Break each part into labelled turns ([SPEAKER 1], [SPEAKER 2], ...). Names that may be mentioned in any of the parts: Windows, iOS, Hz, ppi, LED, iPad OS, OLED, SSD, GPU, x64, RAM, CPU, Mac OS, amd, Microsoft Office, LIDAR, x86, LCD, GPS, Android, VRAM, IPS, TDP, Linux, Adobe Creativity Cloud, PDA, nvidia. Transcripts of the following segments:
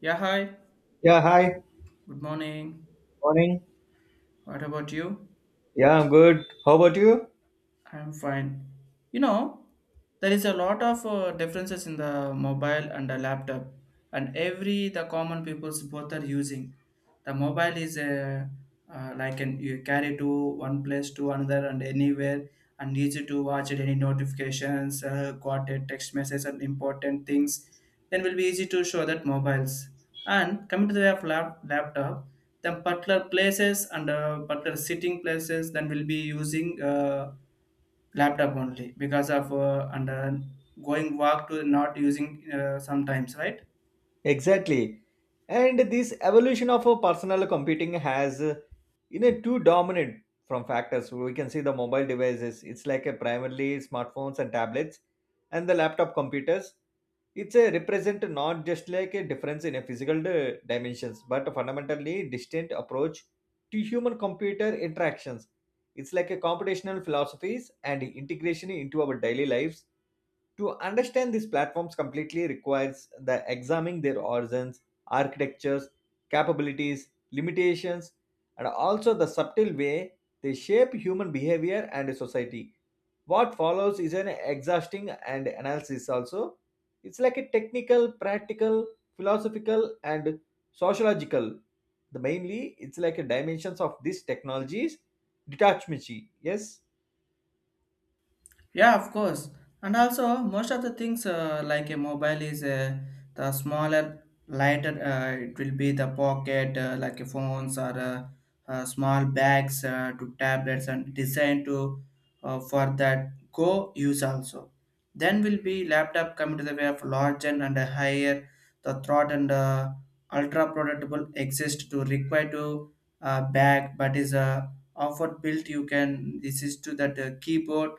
[SPEAKER 1] Yeah, hi.
[SPEAKER 2] Yeah, hi.
[SPEAKER 1] Good morning.
[SPEAKER 2] Morning.
[SPEAKER 1] What about you?
[SPEAKER 2] Yeah, I'm good. How about you?
[SPEAKER 1] I'm fine. You know, there is a lot of differences in the mobile and the laptop, and every the common people's both are using. The mobile is a like an you carry to one place to another and anywhere, and easy to watch it, any notifications, got a text message and important things. Then will be easy to show that mobiles. And coming to the way of laptop, then particular places and particular sitting places, then will be using. Laptop only because of and going walk to not using sometimes, right?
[SPEAKER 2] Exactly. And this evolution of a personal computing has, two dominant from factors. We can see the mobile devices. It's like a primarily smartphones and tablets, and the laptop computers. It's a represent not just like a difference in a physical dimensions, but a fundamentally distinct approach to human computer interactions. It's like a computational philosophies and integration into our daily lives. To understand these platforms completely requires the examining their origins, architectures, capabilities, limitations, and also the subtle way they shape human behavior and society. What follows is an exhausting and analysis also. It's like a technical, practical, philosophical, and sociological. The mainly it's like a dimensions of these technologies, detachment. Yes.
[SPEAKER 1] Yeah, of course. And also, most of the things like a mobile is the smaller, lighter. It will be the pocket, like a phones or small bags to tablets and designed to for that go use also. Then will be laptop coming to the way of larger and a higher the thought and ultra portable exist to require to bag, but is offer built. You can this is to that keyboard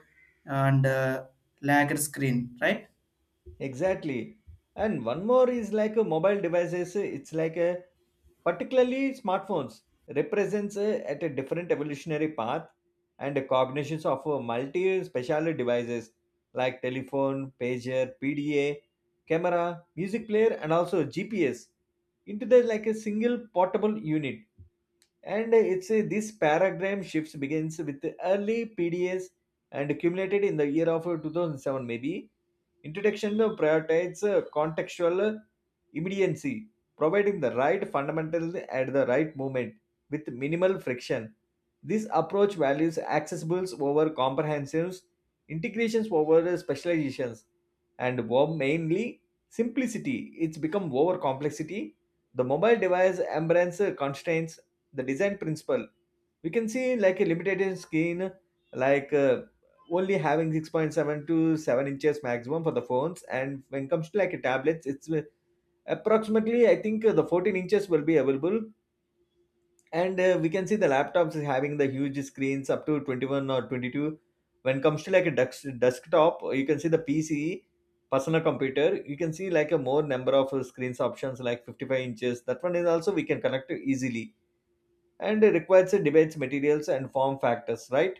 [SPEAKER 1] and lagger screen, right?
[SPEAKER 2] Exactly. And one more is like a mobile devices, it's like a particularly smartphones represents a, at a different evolutionary path and the cognitions of a multi specialty devices like telephone, pager, PDA, camera, music player and also GPS into the like a single portable unit, and it's a, this paradigm shift begins with the early PDS and accumulated in the year of 2007 maybe. Introduction prioritizes contextual immediacy, providing the right fundamental at the right moment with minimal friction. This approach values accessibles over comprehensives, integrations over specializations, and mainly simplicity. It's become over complexity. The mobile device embraces constraints the design principle we can see like a limited screen like only having 6.7 to 7 inches maximum for the phones, and when it comes to like a tablets it's approximately I think the 14 inches will be available, and we can see the laptops is having the huge screens up to 21 or 22. When it comes to like a desktop, you can see the PC, personal computer, you can see like a more number of screens options like 55 inches, that one is also we can connect to easily and requires a debates materials and form factors, right?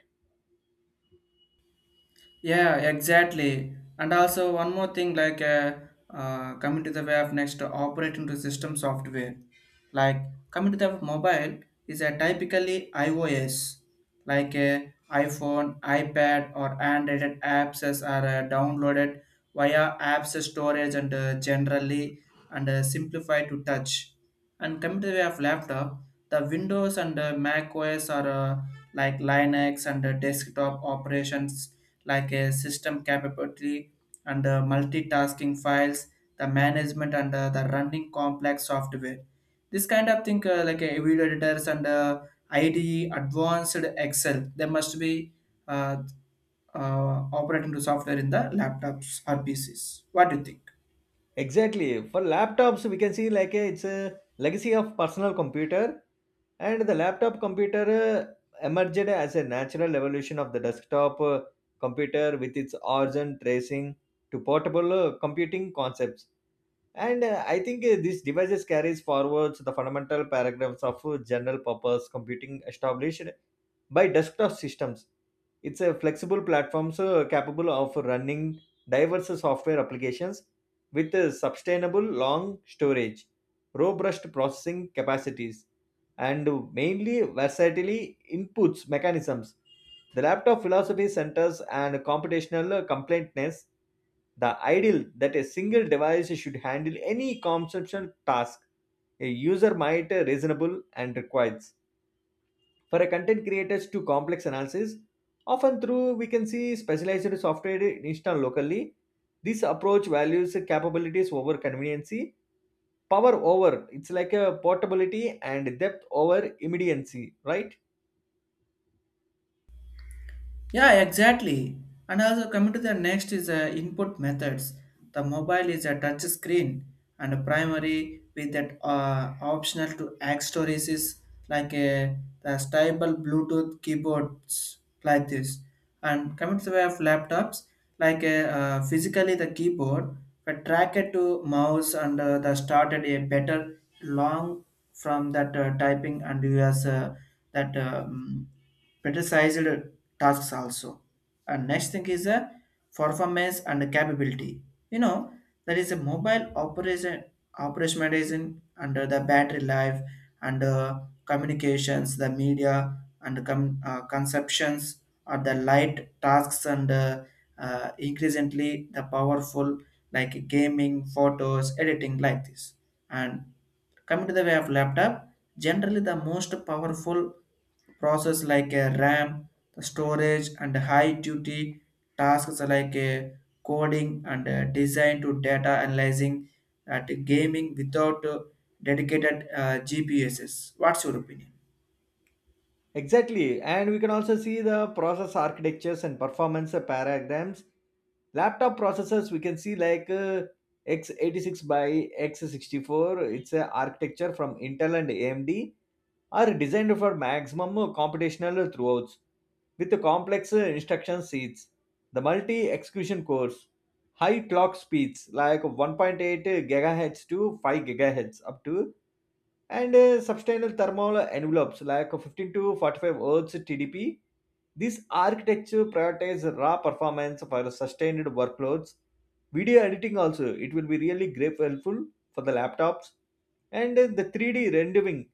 [SPEAKER 1] Yeah, exactly. And also one more thing, like coming to the way of next operating to system software, like coming to the mobile is a typically iOS, like a iPhone, iPad, or Android apps as are downloaded via apps storage and generally and simplified to touch. And coming to the way of laptop, the Windows and Mac OS are like Linux and desktop operations like a system capability and multitasking files, the management and the running complex software. This kind of thing, like video editors and IDE, advanced Excel, they must be uh, operating to software in the laptops or PCs. What do you think?
[SPEAKER 2] Exactly. For laptops, we can see like a, it's a legacy of personal computer and the laptop computer emerged as a natural evolution of the desktop computer with its origin tracing to portable computing concepts, and I think these devices carries forwards the fundamental paragraphs of general purpose computing established by desktop systems. It's a flexible platform so capable of running diverse software applications with a sustainable long storage, robust processing capacities, and mainly versatility inputs mechanisms. The laptop philosophy centers and computational completeness, the ideal that a single device should handle any conceptual task a user might reasonable and requires for a content creators to complex analysis often through we can see specialized software installed locally. This approach values capabilities over conveniency, power over it's like a portability, and depth over immediacy, right?
[SPEAKER 1] Yeah, exactly. And also coming to the next is input methods. The mobile is a touch screen and a primary with that optional to add stories is like a the stable Bluetooth keyboards like this. And coming to the way of laptops, physically the keyboard, but track it to mouse and the started a better long from that typing and you has that criticized tasks also. And next thing is a performance and capability. You know, there is a mobile operation operationalization under the battery life and communications, the media and conceptions or the light tasks and increasingly the powerful like gaming, photos, editing like this and coming to the way of laptop, generally the most powerful process like a RAM, the storage, and high duty tasks like a coding and design to data analyzing at gaming without dedicated GPSs. What's your opinion?
[SPEAKER 2] Exactly. And we can also see the process architectures and performance paradigms. Laptop processors we can see like x86 by x64, it's a architecture from intel and amd are designed for maximum computational throughputs with complex instruction sets. The multi execution cores, high clock speeds like 1.8 gigahertz to 5 gigahertz up to, and substantial thermal envelopes like 15 to 45 Hz TDP. This architecture prioritizes raw performance for sustained workloads. Video editing also, it will be really great helpful for the laptops, and the 3D rendering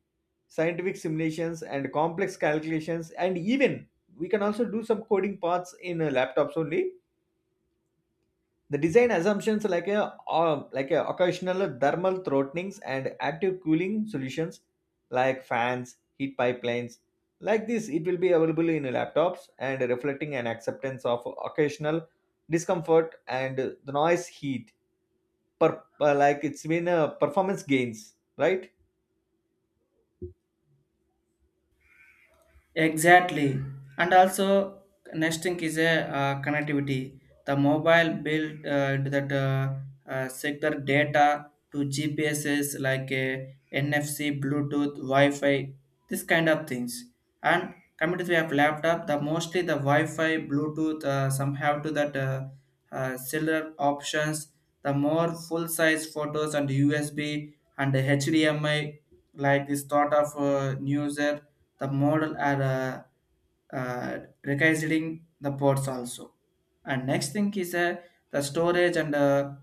[SPEAKER 2] scientific simulations and complex calculations, and even we can also do some coding parts in laptops only. The design assumptions like a occasional thermal throttling and active cooling solutions like fans heat pipelines like this, it will be available in laptops and reflecting an acceptance of occasional discomfort and the noise heat per, like it's been performance gains, right?
[SPEAKER 1] Exactly. And also, next thing is a connectivity. The mobile built into that sector data to GPSs like a NFC, Bluetooth, Wi-Fi, this kind of things. And coming to the app laptop, the mostly the Wi-Fi, Bluetooth, some have to that cellular options. The more full-size photos and USB and the HDMI like this thought of news the model are uh, recognizing the ports also. And next thing is the storage and uh,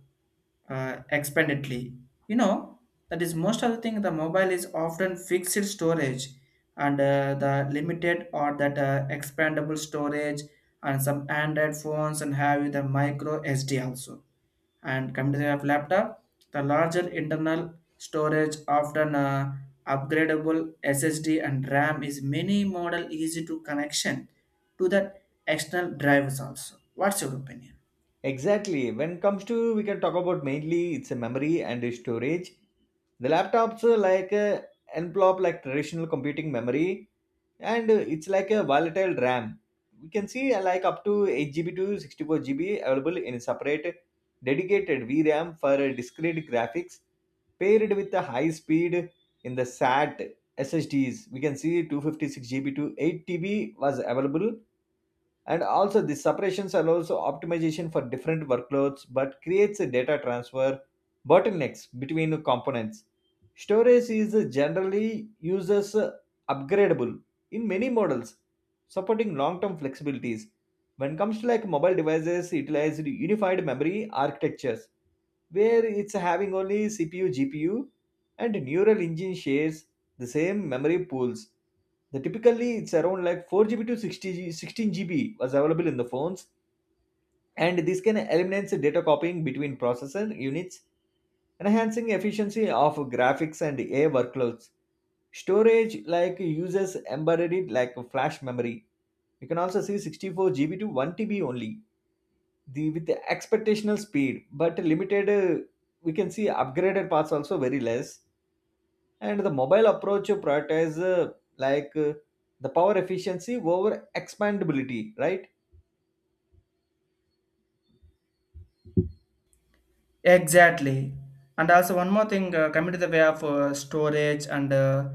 [SPEAKER 1] uh, expandedly. You know that is most of the thing the mobile is often fixed storage and the limited or that expandable storage and some android phones and have the micro SD also. And computer of laptop, the larger internal storage often upgradable SSD and RAM is many model easy to connection to the external drivers also. What's your opinion?
[SPEAKER 2] Exactly. When it comes to, we can talk about mainly it's a memory and a storage. The laptops are like a envelope, like traditional computing memory, and it's like a volatile RAM. We can see like up to 8 GB to 64 GB available in a separate dedicated VRAM for discrete graphics paired with the high speed in the SAT SSDs. We can see 256 GB to 8 TB was available, and also the separations allows optimization for different workloads but creates a data transfer bottlenecks between components. Storage is generally uses upgradable in many models supporting long-term flexibilities. When it comes to like mobile devices, utilize unified memory architectures where it's having only cpu gpu and neural engine shares the same memory pools. The typically it's around like 4 GB to 60 G, 16 GB was available in the phones, and this can eliminate the data copying between processor units, enhancing efficiency of graphics and AI workloads. Storage like uses embedded like flash memory. You can also see 64 GB to 1 TB only. The with the expectational speed, but limited. We can see upgraded parts also very less, and the mobile approach prioritize like uh, the power efficiency over expandability, right?
[SPEAKER 1] Exactly. And also one more thing, coming to the way of storage and uh,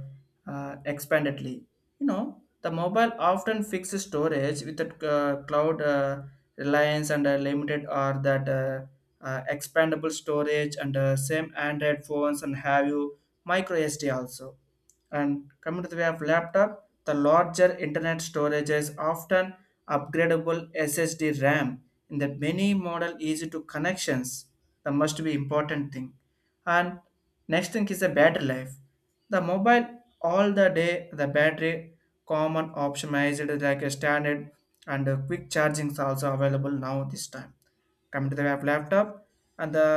[SPEAKER 1] uh, expandedly. You know, the mobile often fixes storage with the cloud reliance and limited or that expandable storage and same Android phones and have you micro SD also. And coming to the way of laptop, the larger internet storage is often upgradable SSD RAM in the many model easy to connections. The must be important thing. And next thing is the battery life. The mobile all the day the battery common optimized like a standard and quick charging is also available now this time. Come to the laptop and the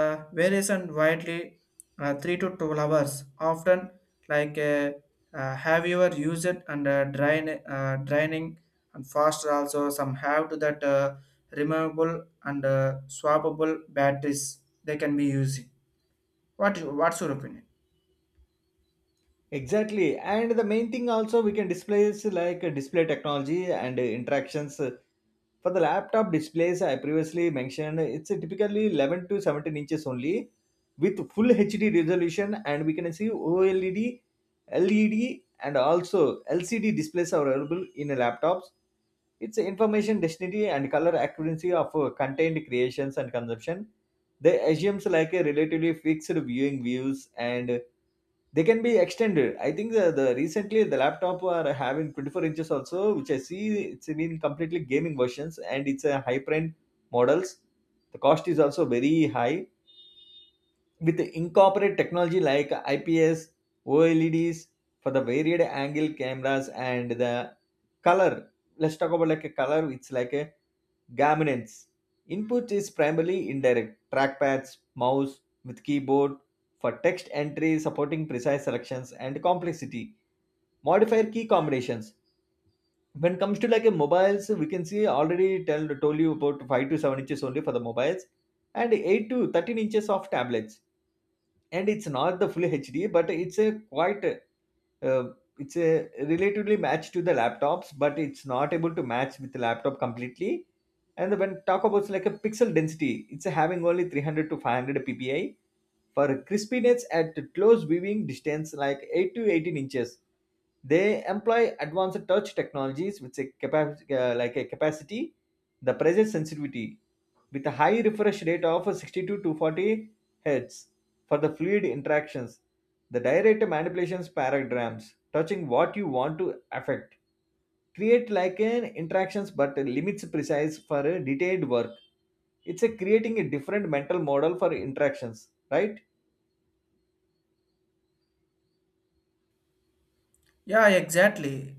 [SPEAKER 1] variation widely 3 to 12 hours often like have your used and draining and faster also some have to that removable and swappable batteries they can be using. What what's your opinion?
[SPEAKER 2] Exactly. And the main thing also we can display is like display technology and interactions for the laptop displays I previously mentioned it's typically 11 to 17 inches only with full hd resolution, and we can see oled, led, and also lcd displays are available in laptops. Its information density and color accuracy of contained creations and consumption, they assumes like a relatively fixed viewing views, and they can be extended. I think the recently the laptop are having 24 inches also, which I see it's been completely gaming versions, and it's a high print models. The cost is also very high with the incorporate technology like IPS, OLEDs for the varied angle cameras and the color. Let's talk about like a color. It's like a dominance. Input is primarily indirect trackpads, mouse with keyboard for text entry, supporting precise selections and complexity. Modifier key combinations. When it comes to like a mobiles, we can see already tell told you about 5 to 7 inches only for the mobiles, and 8 to 13 inches of tablets, and it's not the full hd but it's a quite uh, it's a relatively match to the laptops but it's not able to match with the laptop completely. And when talk about like a pixel density, it's having only 300 to 500 ppi for crispiness at close viewing distance, like 8 to 18 inches, they employ advanced touch technologies with a like a capacity, the pressure sensitivity, with a high refresh rate of 62 to 40 hertz for the fluid interactions. The direct manipulations paragrams, touching what you want to affect, create like an interactions but limits precise for a detailed work. It's a creating a different mental model for interactions, right?
[SPEAKER 1] Yeah, exactly.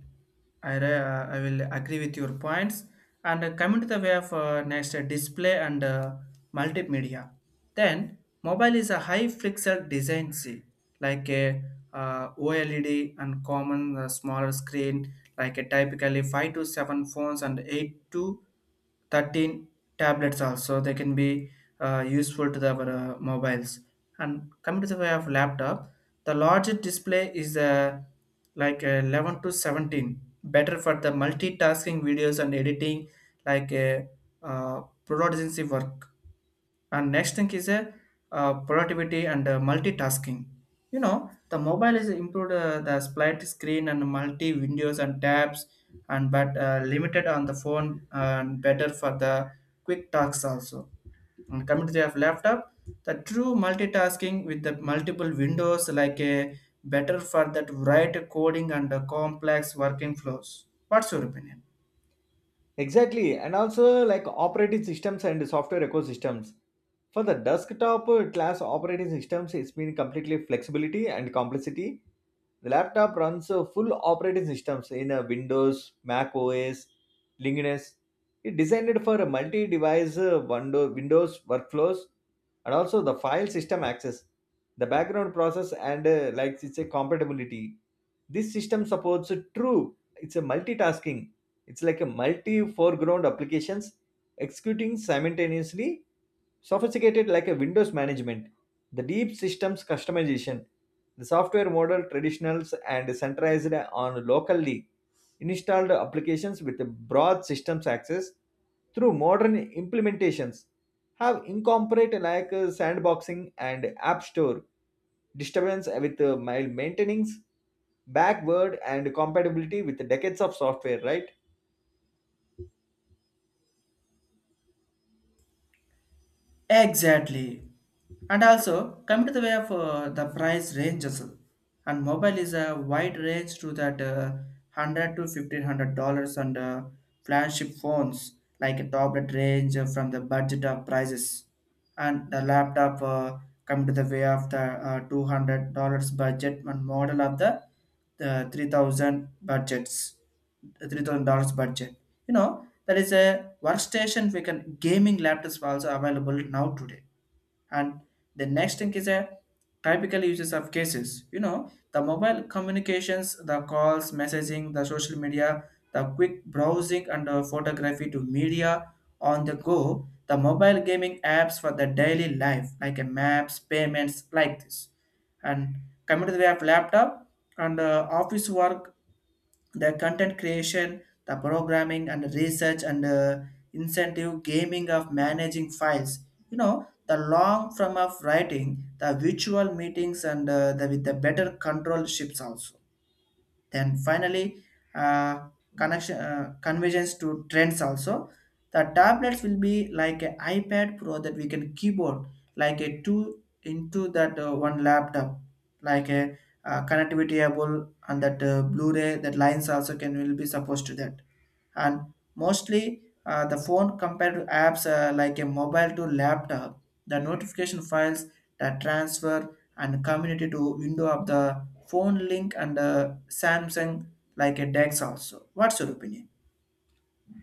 [SPEAKER 1] I will agree with your points. And coming to the way of next display and multimedia. Then, mobile is a high flexor design C, like a OLED and common smaller screen, like a typically 5 to 7 phones and 8 to 13 tablets also they can be useful to the, our mobiles. And coming to the way of laptop, the larger display is like 11 to 17, better for the multitasking videos and editing, like a productivity work. And next thing is a productivity and multitasking. You know, the mobile is improved the split screen and multi windows and tabs, and but limited on the phone and better for the quick tasks also. And coming to their laptop, the true multitasking with the multiple windows like a better for that write coding and the complex working flows. What's your opinion?
[SPEAKER 2] Exactly, and also like operating systems and software ecosystems. For the desktop class operating systems, it's been completely flexibility and complexity. The laptop runs full operating systems in Windows, Mac OS, Linux. It designed for a multi-device Windows workflows and also the file system access, the background process, and like it's a compatibility. This system supports a true. It's a multitasking. It's like a multi-foreground applications executing simultaneously. Sophisticated like a Windows management, the deep systems customization, the software model traditionals and centralized on locally installed applications with a broad systems access through modern implementations have incorporated like sandboxing and app store disturbance with maintaining backward and compatibility with decades of software, right?
[SPEAKER 1] Exactly. And also, come to the way of the price ranges. And mobile is a wide range to that 100 to $1500 on the flagship phones, like a tablet range from the budget of prices. And the laptop come to the way of the $200 budget and model of the 3000 budgets $3000 budget. You know that is a workstation we can gaming laptops are also available now today. And the next thing is a typical uses of cases. You know, the mobile communications, the calls messaging, the social media, the quick browsing and photography to media on the go, the mobile gaming apps for the daily life like a maps payments like this. And coming to the way of laptop, and office work, the content creation, the programming and research and incentive gaming of managing files. You know, the long form of writing, the virtual meetings, and with the better control ships also. Then finally, uh, connection convergence to trends also. The tablets will be like an iPad Pro that we can keyboard like a two into that one laptop, like a connectivity able and that Blu-ray that lines also can will be supposed to that. And mostly the phone compared to apps like a mobile to laptop, the notification files the transfer and community to window of the phone link and Samsung like a DeX also. What's your opinion?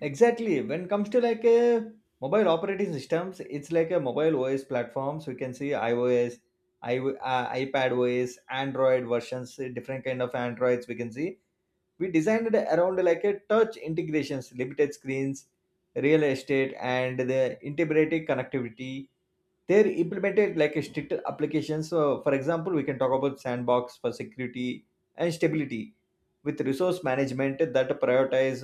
[SPEAKER 2] Exactly. When it comes to like a mobile operating systems, it's like a mobile OS platforms. We can see iOS, iPad OS, Android versions, different kind of Androids we can see we designed around like a touch integrations, limited screens real estate, and the integrated connectivity. They're implemented like a strict application, so for example we can talk about sandbox for security and stability, with resource management that prioritize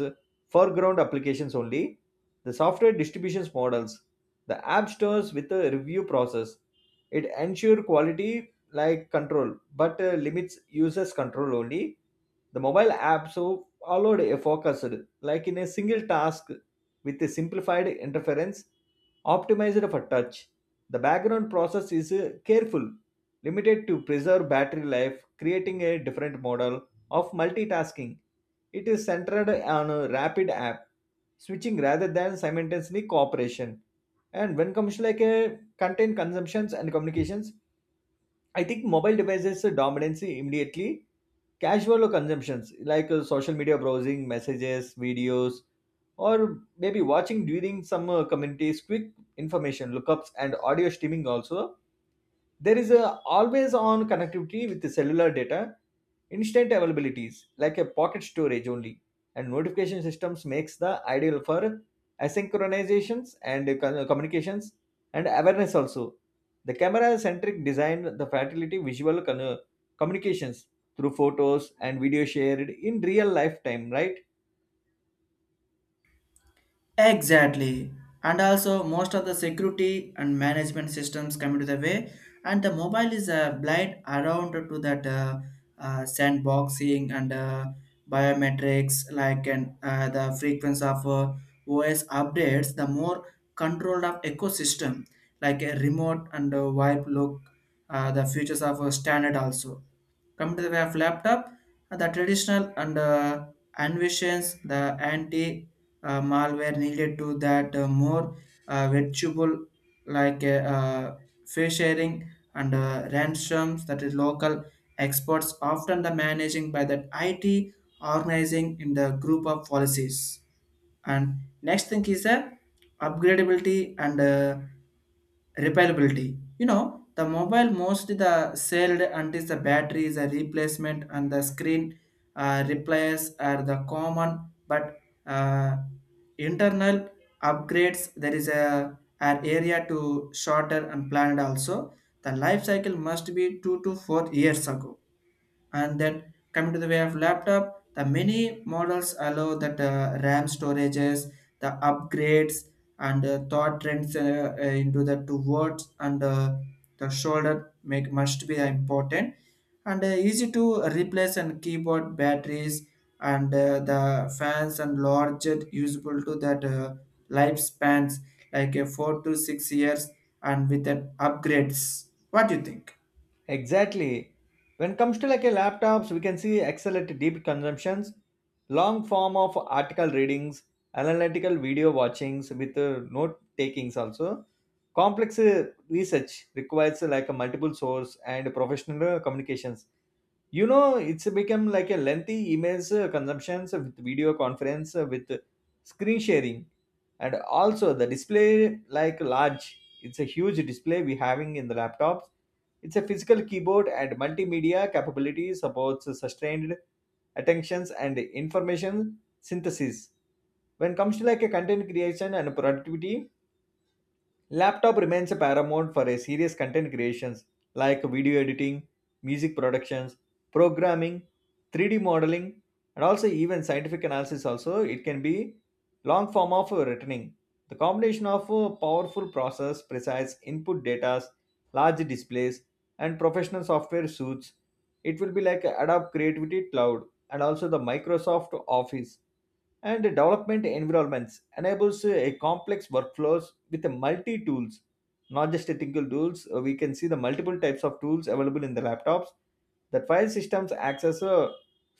[SPEAKER 2] foreground applications only. The software distributions models, the app stores with a review process, it ensure quality like control but limits users control only. The mobile app so allowed a focused like in a single task with a simplified interference optimized for touch. The background process is careful limited to preserve battery life, creating a different model of multitasking. It is centered on a rapid app switching rather than simultaneously cooperation. And when comes to like a content consumptions and communications, I think mobile devices dominance immediately casual consumptions like social media browsing, messages, videos, or maybe watching during some communities, quick information lookups, and audio streaming also. There is a always on connectivity with the cellular data, instant availabilities like a pocket storage only, and notification systems makes the ideal for asynchronizations and communications and awareness also. The camera centric design, the fertility visual communications through photos and video shared in real lifetime, right?
[SPEAKER 1] Exactly. And also most of the security and management systems come into the way and the mobile is a blind around to that sandboxing and biometrics like and the frequency of OS updates the more controlled of ecosystem like a remote and a wipe look the features of a standard also. Come to the way of laptop, the traditional and envisions the anti malware needed to that more virtual like fee sharing and ransoms that is local experts often the managing by that IT organizing in the group of policies. And next thing is the upgradability and repairability. You know, the mobile most the sold until the battery is a replacement and the screen replace are the common, but uh, internal upgrades there is a an area to shorter and planned also. The life cycle must be 2 to 4 years ago. And then coming to the way of laptop, the many models allow that ram storages the upgrades and thought trends into the two words and the shoulder make must be important and easy to replace and keyboard batteries and the fans and larger usable to that lifespans like a 4 to 6 years and with an upgrades. What do you think?
[SPEAKER 2] Exactly. When it comes to like a laptops, we can see excellent deep consumptions, long form of article readings, analytical video watchings with note takings also. Complex research requires like a multiple source and professional communications. It's become like a lengthy emails consumptions with video conference with screen sharing, and also the display like large. It's a huge display we having in the laptops. It's a physical keyboard and multimedia capability supports sustained attentions and information synthesis. When comes to like a content creation and productivity, laptop remains a paramount for a serious content creations like video editing, music productions, programming, 3D modeling, and also even scientific analysis. Also, it can be long form of reasoning. The combination of powerful process, precise input data, large displays, and professional software suits. It will be like Adobe Creativity Cloud and also the Microsoft Office and development environments enables a complex workflows with a multi tools, not just a single tools. We can see the multiple types of tools available in the laptops, that file systems access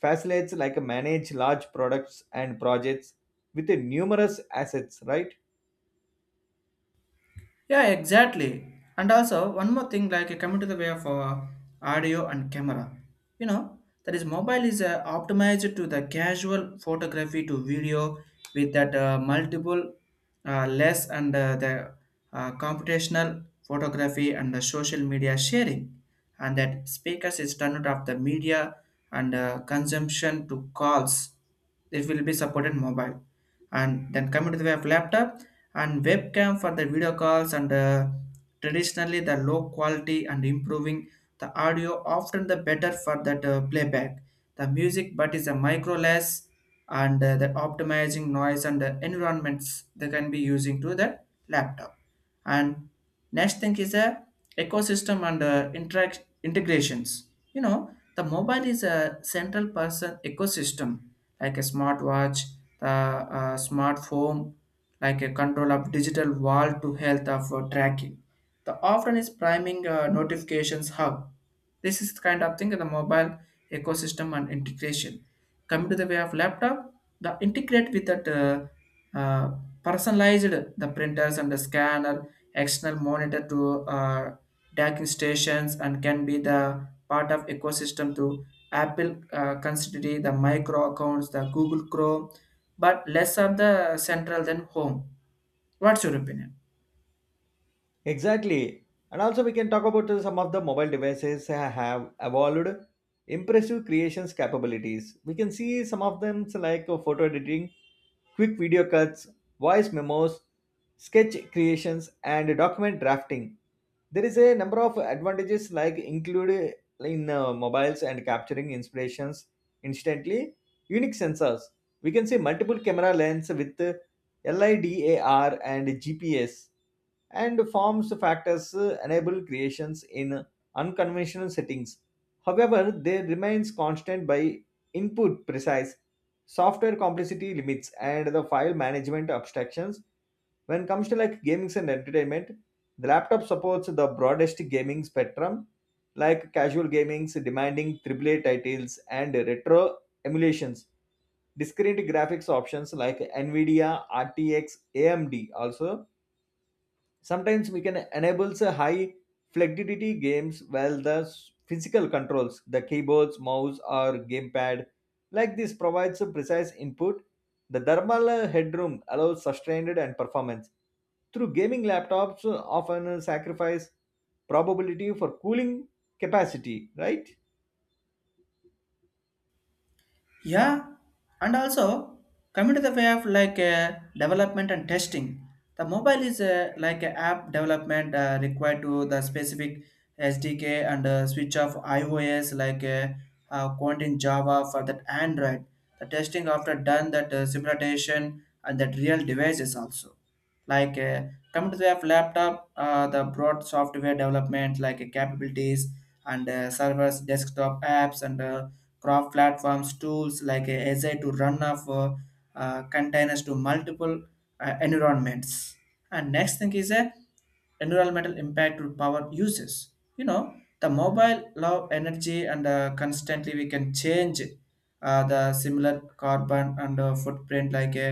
[SPEAKER 2] facilitates like a manage large products and projects with a numerous assets, right?
[SPEAKER 1] Yeah, exactly. And also, one more thing, like coming to the way of audio and camera, you know, that is mobile is optimized to the casual photography to video with that multiple less and the computational photography and the social media sharing, and that speakers is turned off the media and consumption to calls. It will be supported mobile, and then coming to the way of laptop and webcam for the video calls and traditionally the low quality and improving the audio often the better for that playback the music but is a micro less and the optimizing noise and the environments they can be using to the laptop. And next thing is a ecosystem and interact integrations. You know, the mobile is a central person ecosystem like a smartwatch the smart home like a control of digital wall to health of tracking the often is priming notifications hub. This is the kind of thing in the mobile ecosystem and integration. Coming to the way of laptop, the integrate with that personalized the printers and the scanner, external monitor to docking stations and can be the part of ecosystem to Apple consider the micro accounts, the Google Chrome, but less of the central than home. What's your opinion?
[SPEAKER 2] Exactly. And also we can talk about some of the mobile devices have evolved impressive creations capabilities. We can see some of them like photo editing, quick video cuts, voice memos, sketch creations, and document drafting. There is a number of advantages like included in mobiles and capturing inspirations instantly. Unique sensors. We can see multiple camera lens with LIDAR and GPS, and forms factors enable creations in unconventional settings. However, they remains constant by input precise, software complexity limits, and the file management abstractions. When it comes to like gaming and entertainment, the laptop supports the broadest gaming spectrum like casual gamings, demanding triple A titles, and retro emulations. Discrete graphics options like nvidia rtx amd also sometimes we can enable a high flexibility games, while the physical controls, the keyboards, mouse or gamepad, like this provides a precise input. The thermal headroom allows sustained and performance. Through gaming laptops often sacrifice probability for cooling capacity, right?
[SPEAKER 1] Yeah, and also coming to the way of like development and testing. The mobile is like a app development required to the specific SDK and switch of iOS like Quant in Java for that Android. The testing after done that simulation and that real devices also like coming to the app laptop, the broad software development like capabilities and servers desktop apps and crop platforms tools like azure to run off containers to multiple environments. And next thing is a environmental impact to power uses. You know, the mobile love energy and constantly we can change the similar carbon and footprint like a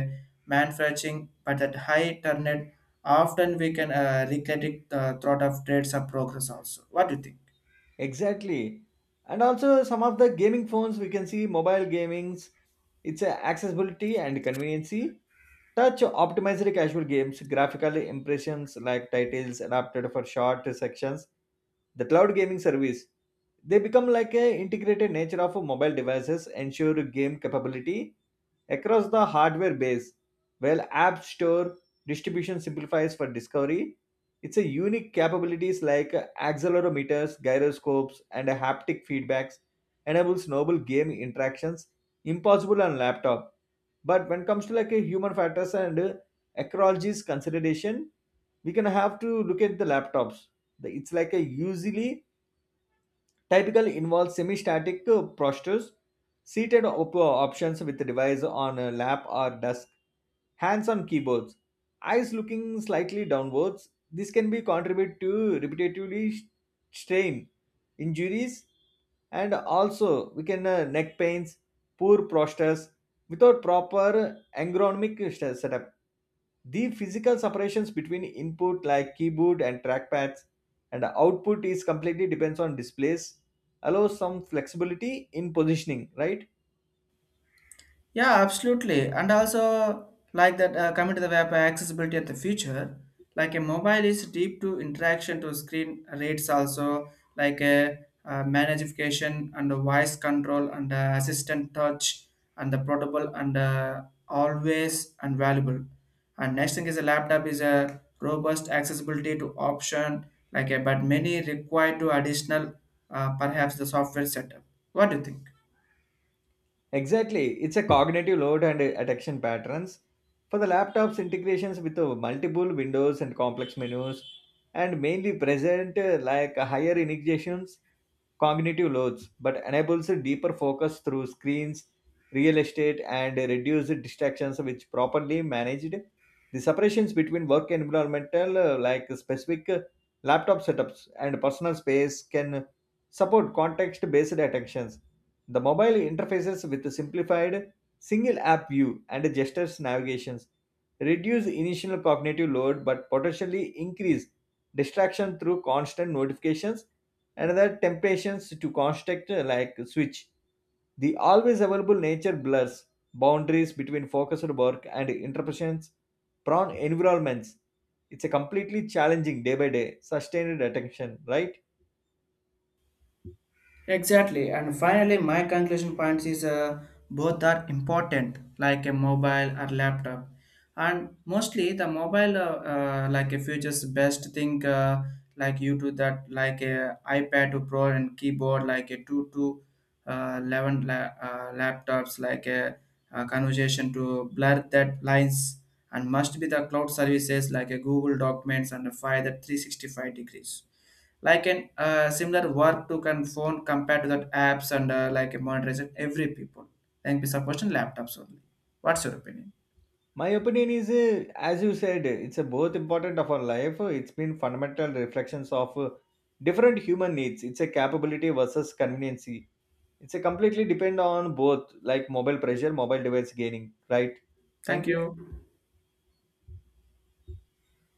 [SPEAKER 1] manufacturing, but at high turn rate, often we can recredit the thought of trades of progress also. What do you think?
[SPEAKER 2] Exactly. And also some of the gaming phones, we can see mobile gamings. It's accessibility and conveniency. Touch optimized casual games, graphical impressions like titles adapted for short sections. The cloud gaming service. They become like a integrated nature of mobile devices, ensure game capability across the hardware base. While app store distribution simplifies for discovery, it's a unique capabilities like accelerometers, gyroscopes, and haptic feedbacks enables novel game interactions impossible on laptop. But when it comes to like a human factors and ecology's consideration, we can have to look at the laptops. It's like a usually typically involves semi-static postures, seated options with device on a lap or desk, hands on keyboards, eyes looking slightly downwards. This can be contribute to repetitively strain, injuries, and also we can neck pains, poor postures without proper ergonomic setup. The physical separations between input like keyboard and trackpads, and output is completely depends on displays, allows some flexibility in positioning, right?
[SPEAKER 1] Yeah, absolutely. And also, like that, coming to the web accessibility at the future, like a mobile is deep to interaction to screen rates also, like a, magnification and a voice control and assistant touch and the portable and always and valuable. And next thing is a laptop is a robust accessibility to option, like a, but many require to additional, perhaps the software setup. What do you think?
[SPEAKER 2] Exactly. It's a cognitive load and attention patterns. For the laptop's integrations with multiple windows and complex menus, and mainly present like higher integrations cognitive loads, but enables a deeper focus through screens, real estate, and reduced distractions which properly managed. The separations between work and environmental, like specific laptop setups and personal space, can support context based attentions. The mobile interfaces with simplified single app view and gestures navigations reduce initial cognitive load but potentially increase distraction through constant notifications. Another temptations to construct like switch. The always available nature blurs boundaries between focused work and interpretations prone environments. It's a completely challenging day by day sustained attention, right?
[SPEAKER 1] Exactly, and finally, my conclusion points is both are important, like a mobile or laptop, and mostly the mobile, like a future's best thing, like you do that, like a iPad to Pro and keyboard, like a two to 11 laptops, like a conversation to blur that lines, and must be the cloud services like a Google Documents and a file that 365 degrees like an similar work to can phone compared to that apps and like a modernization every people. Thank you, support Question: laptops only. What's your opinion?
[SPEAKER 2] My opinion is, as you said, it's a both important of our life. It's been fundamental reflections of different human needs. It's a capability versus conveniency. It's a completely depend on both, like mobile pressure, mobile device gaining, right? Thank
[SPEAKER 1] Thank
[SPEAKER 2] you.
[SPEAKER 1] you.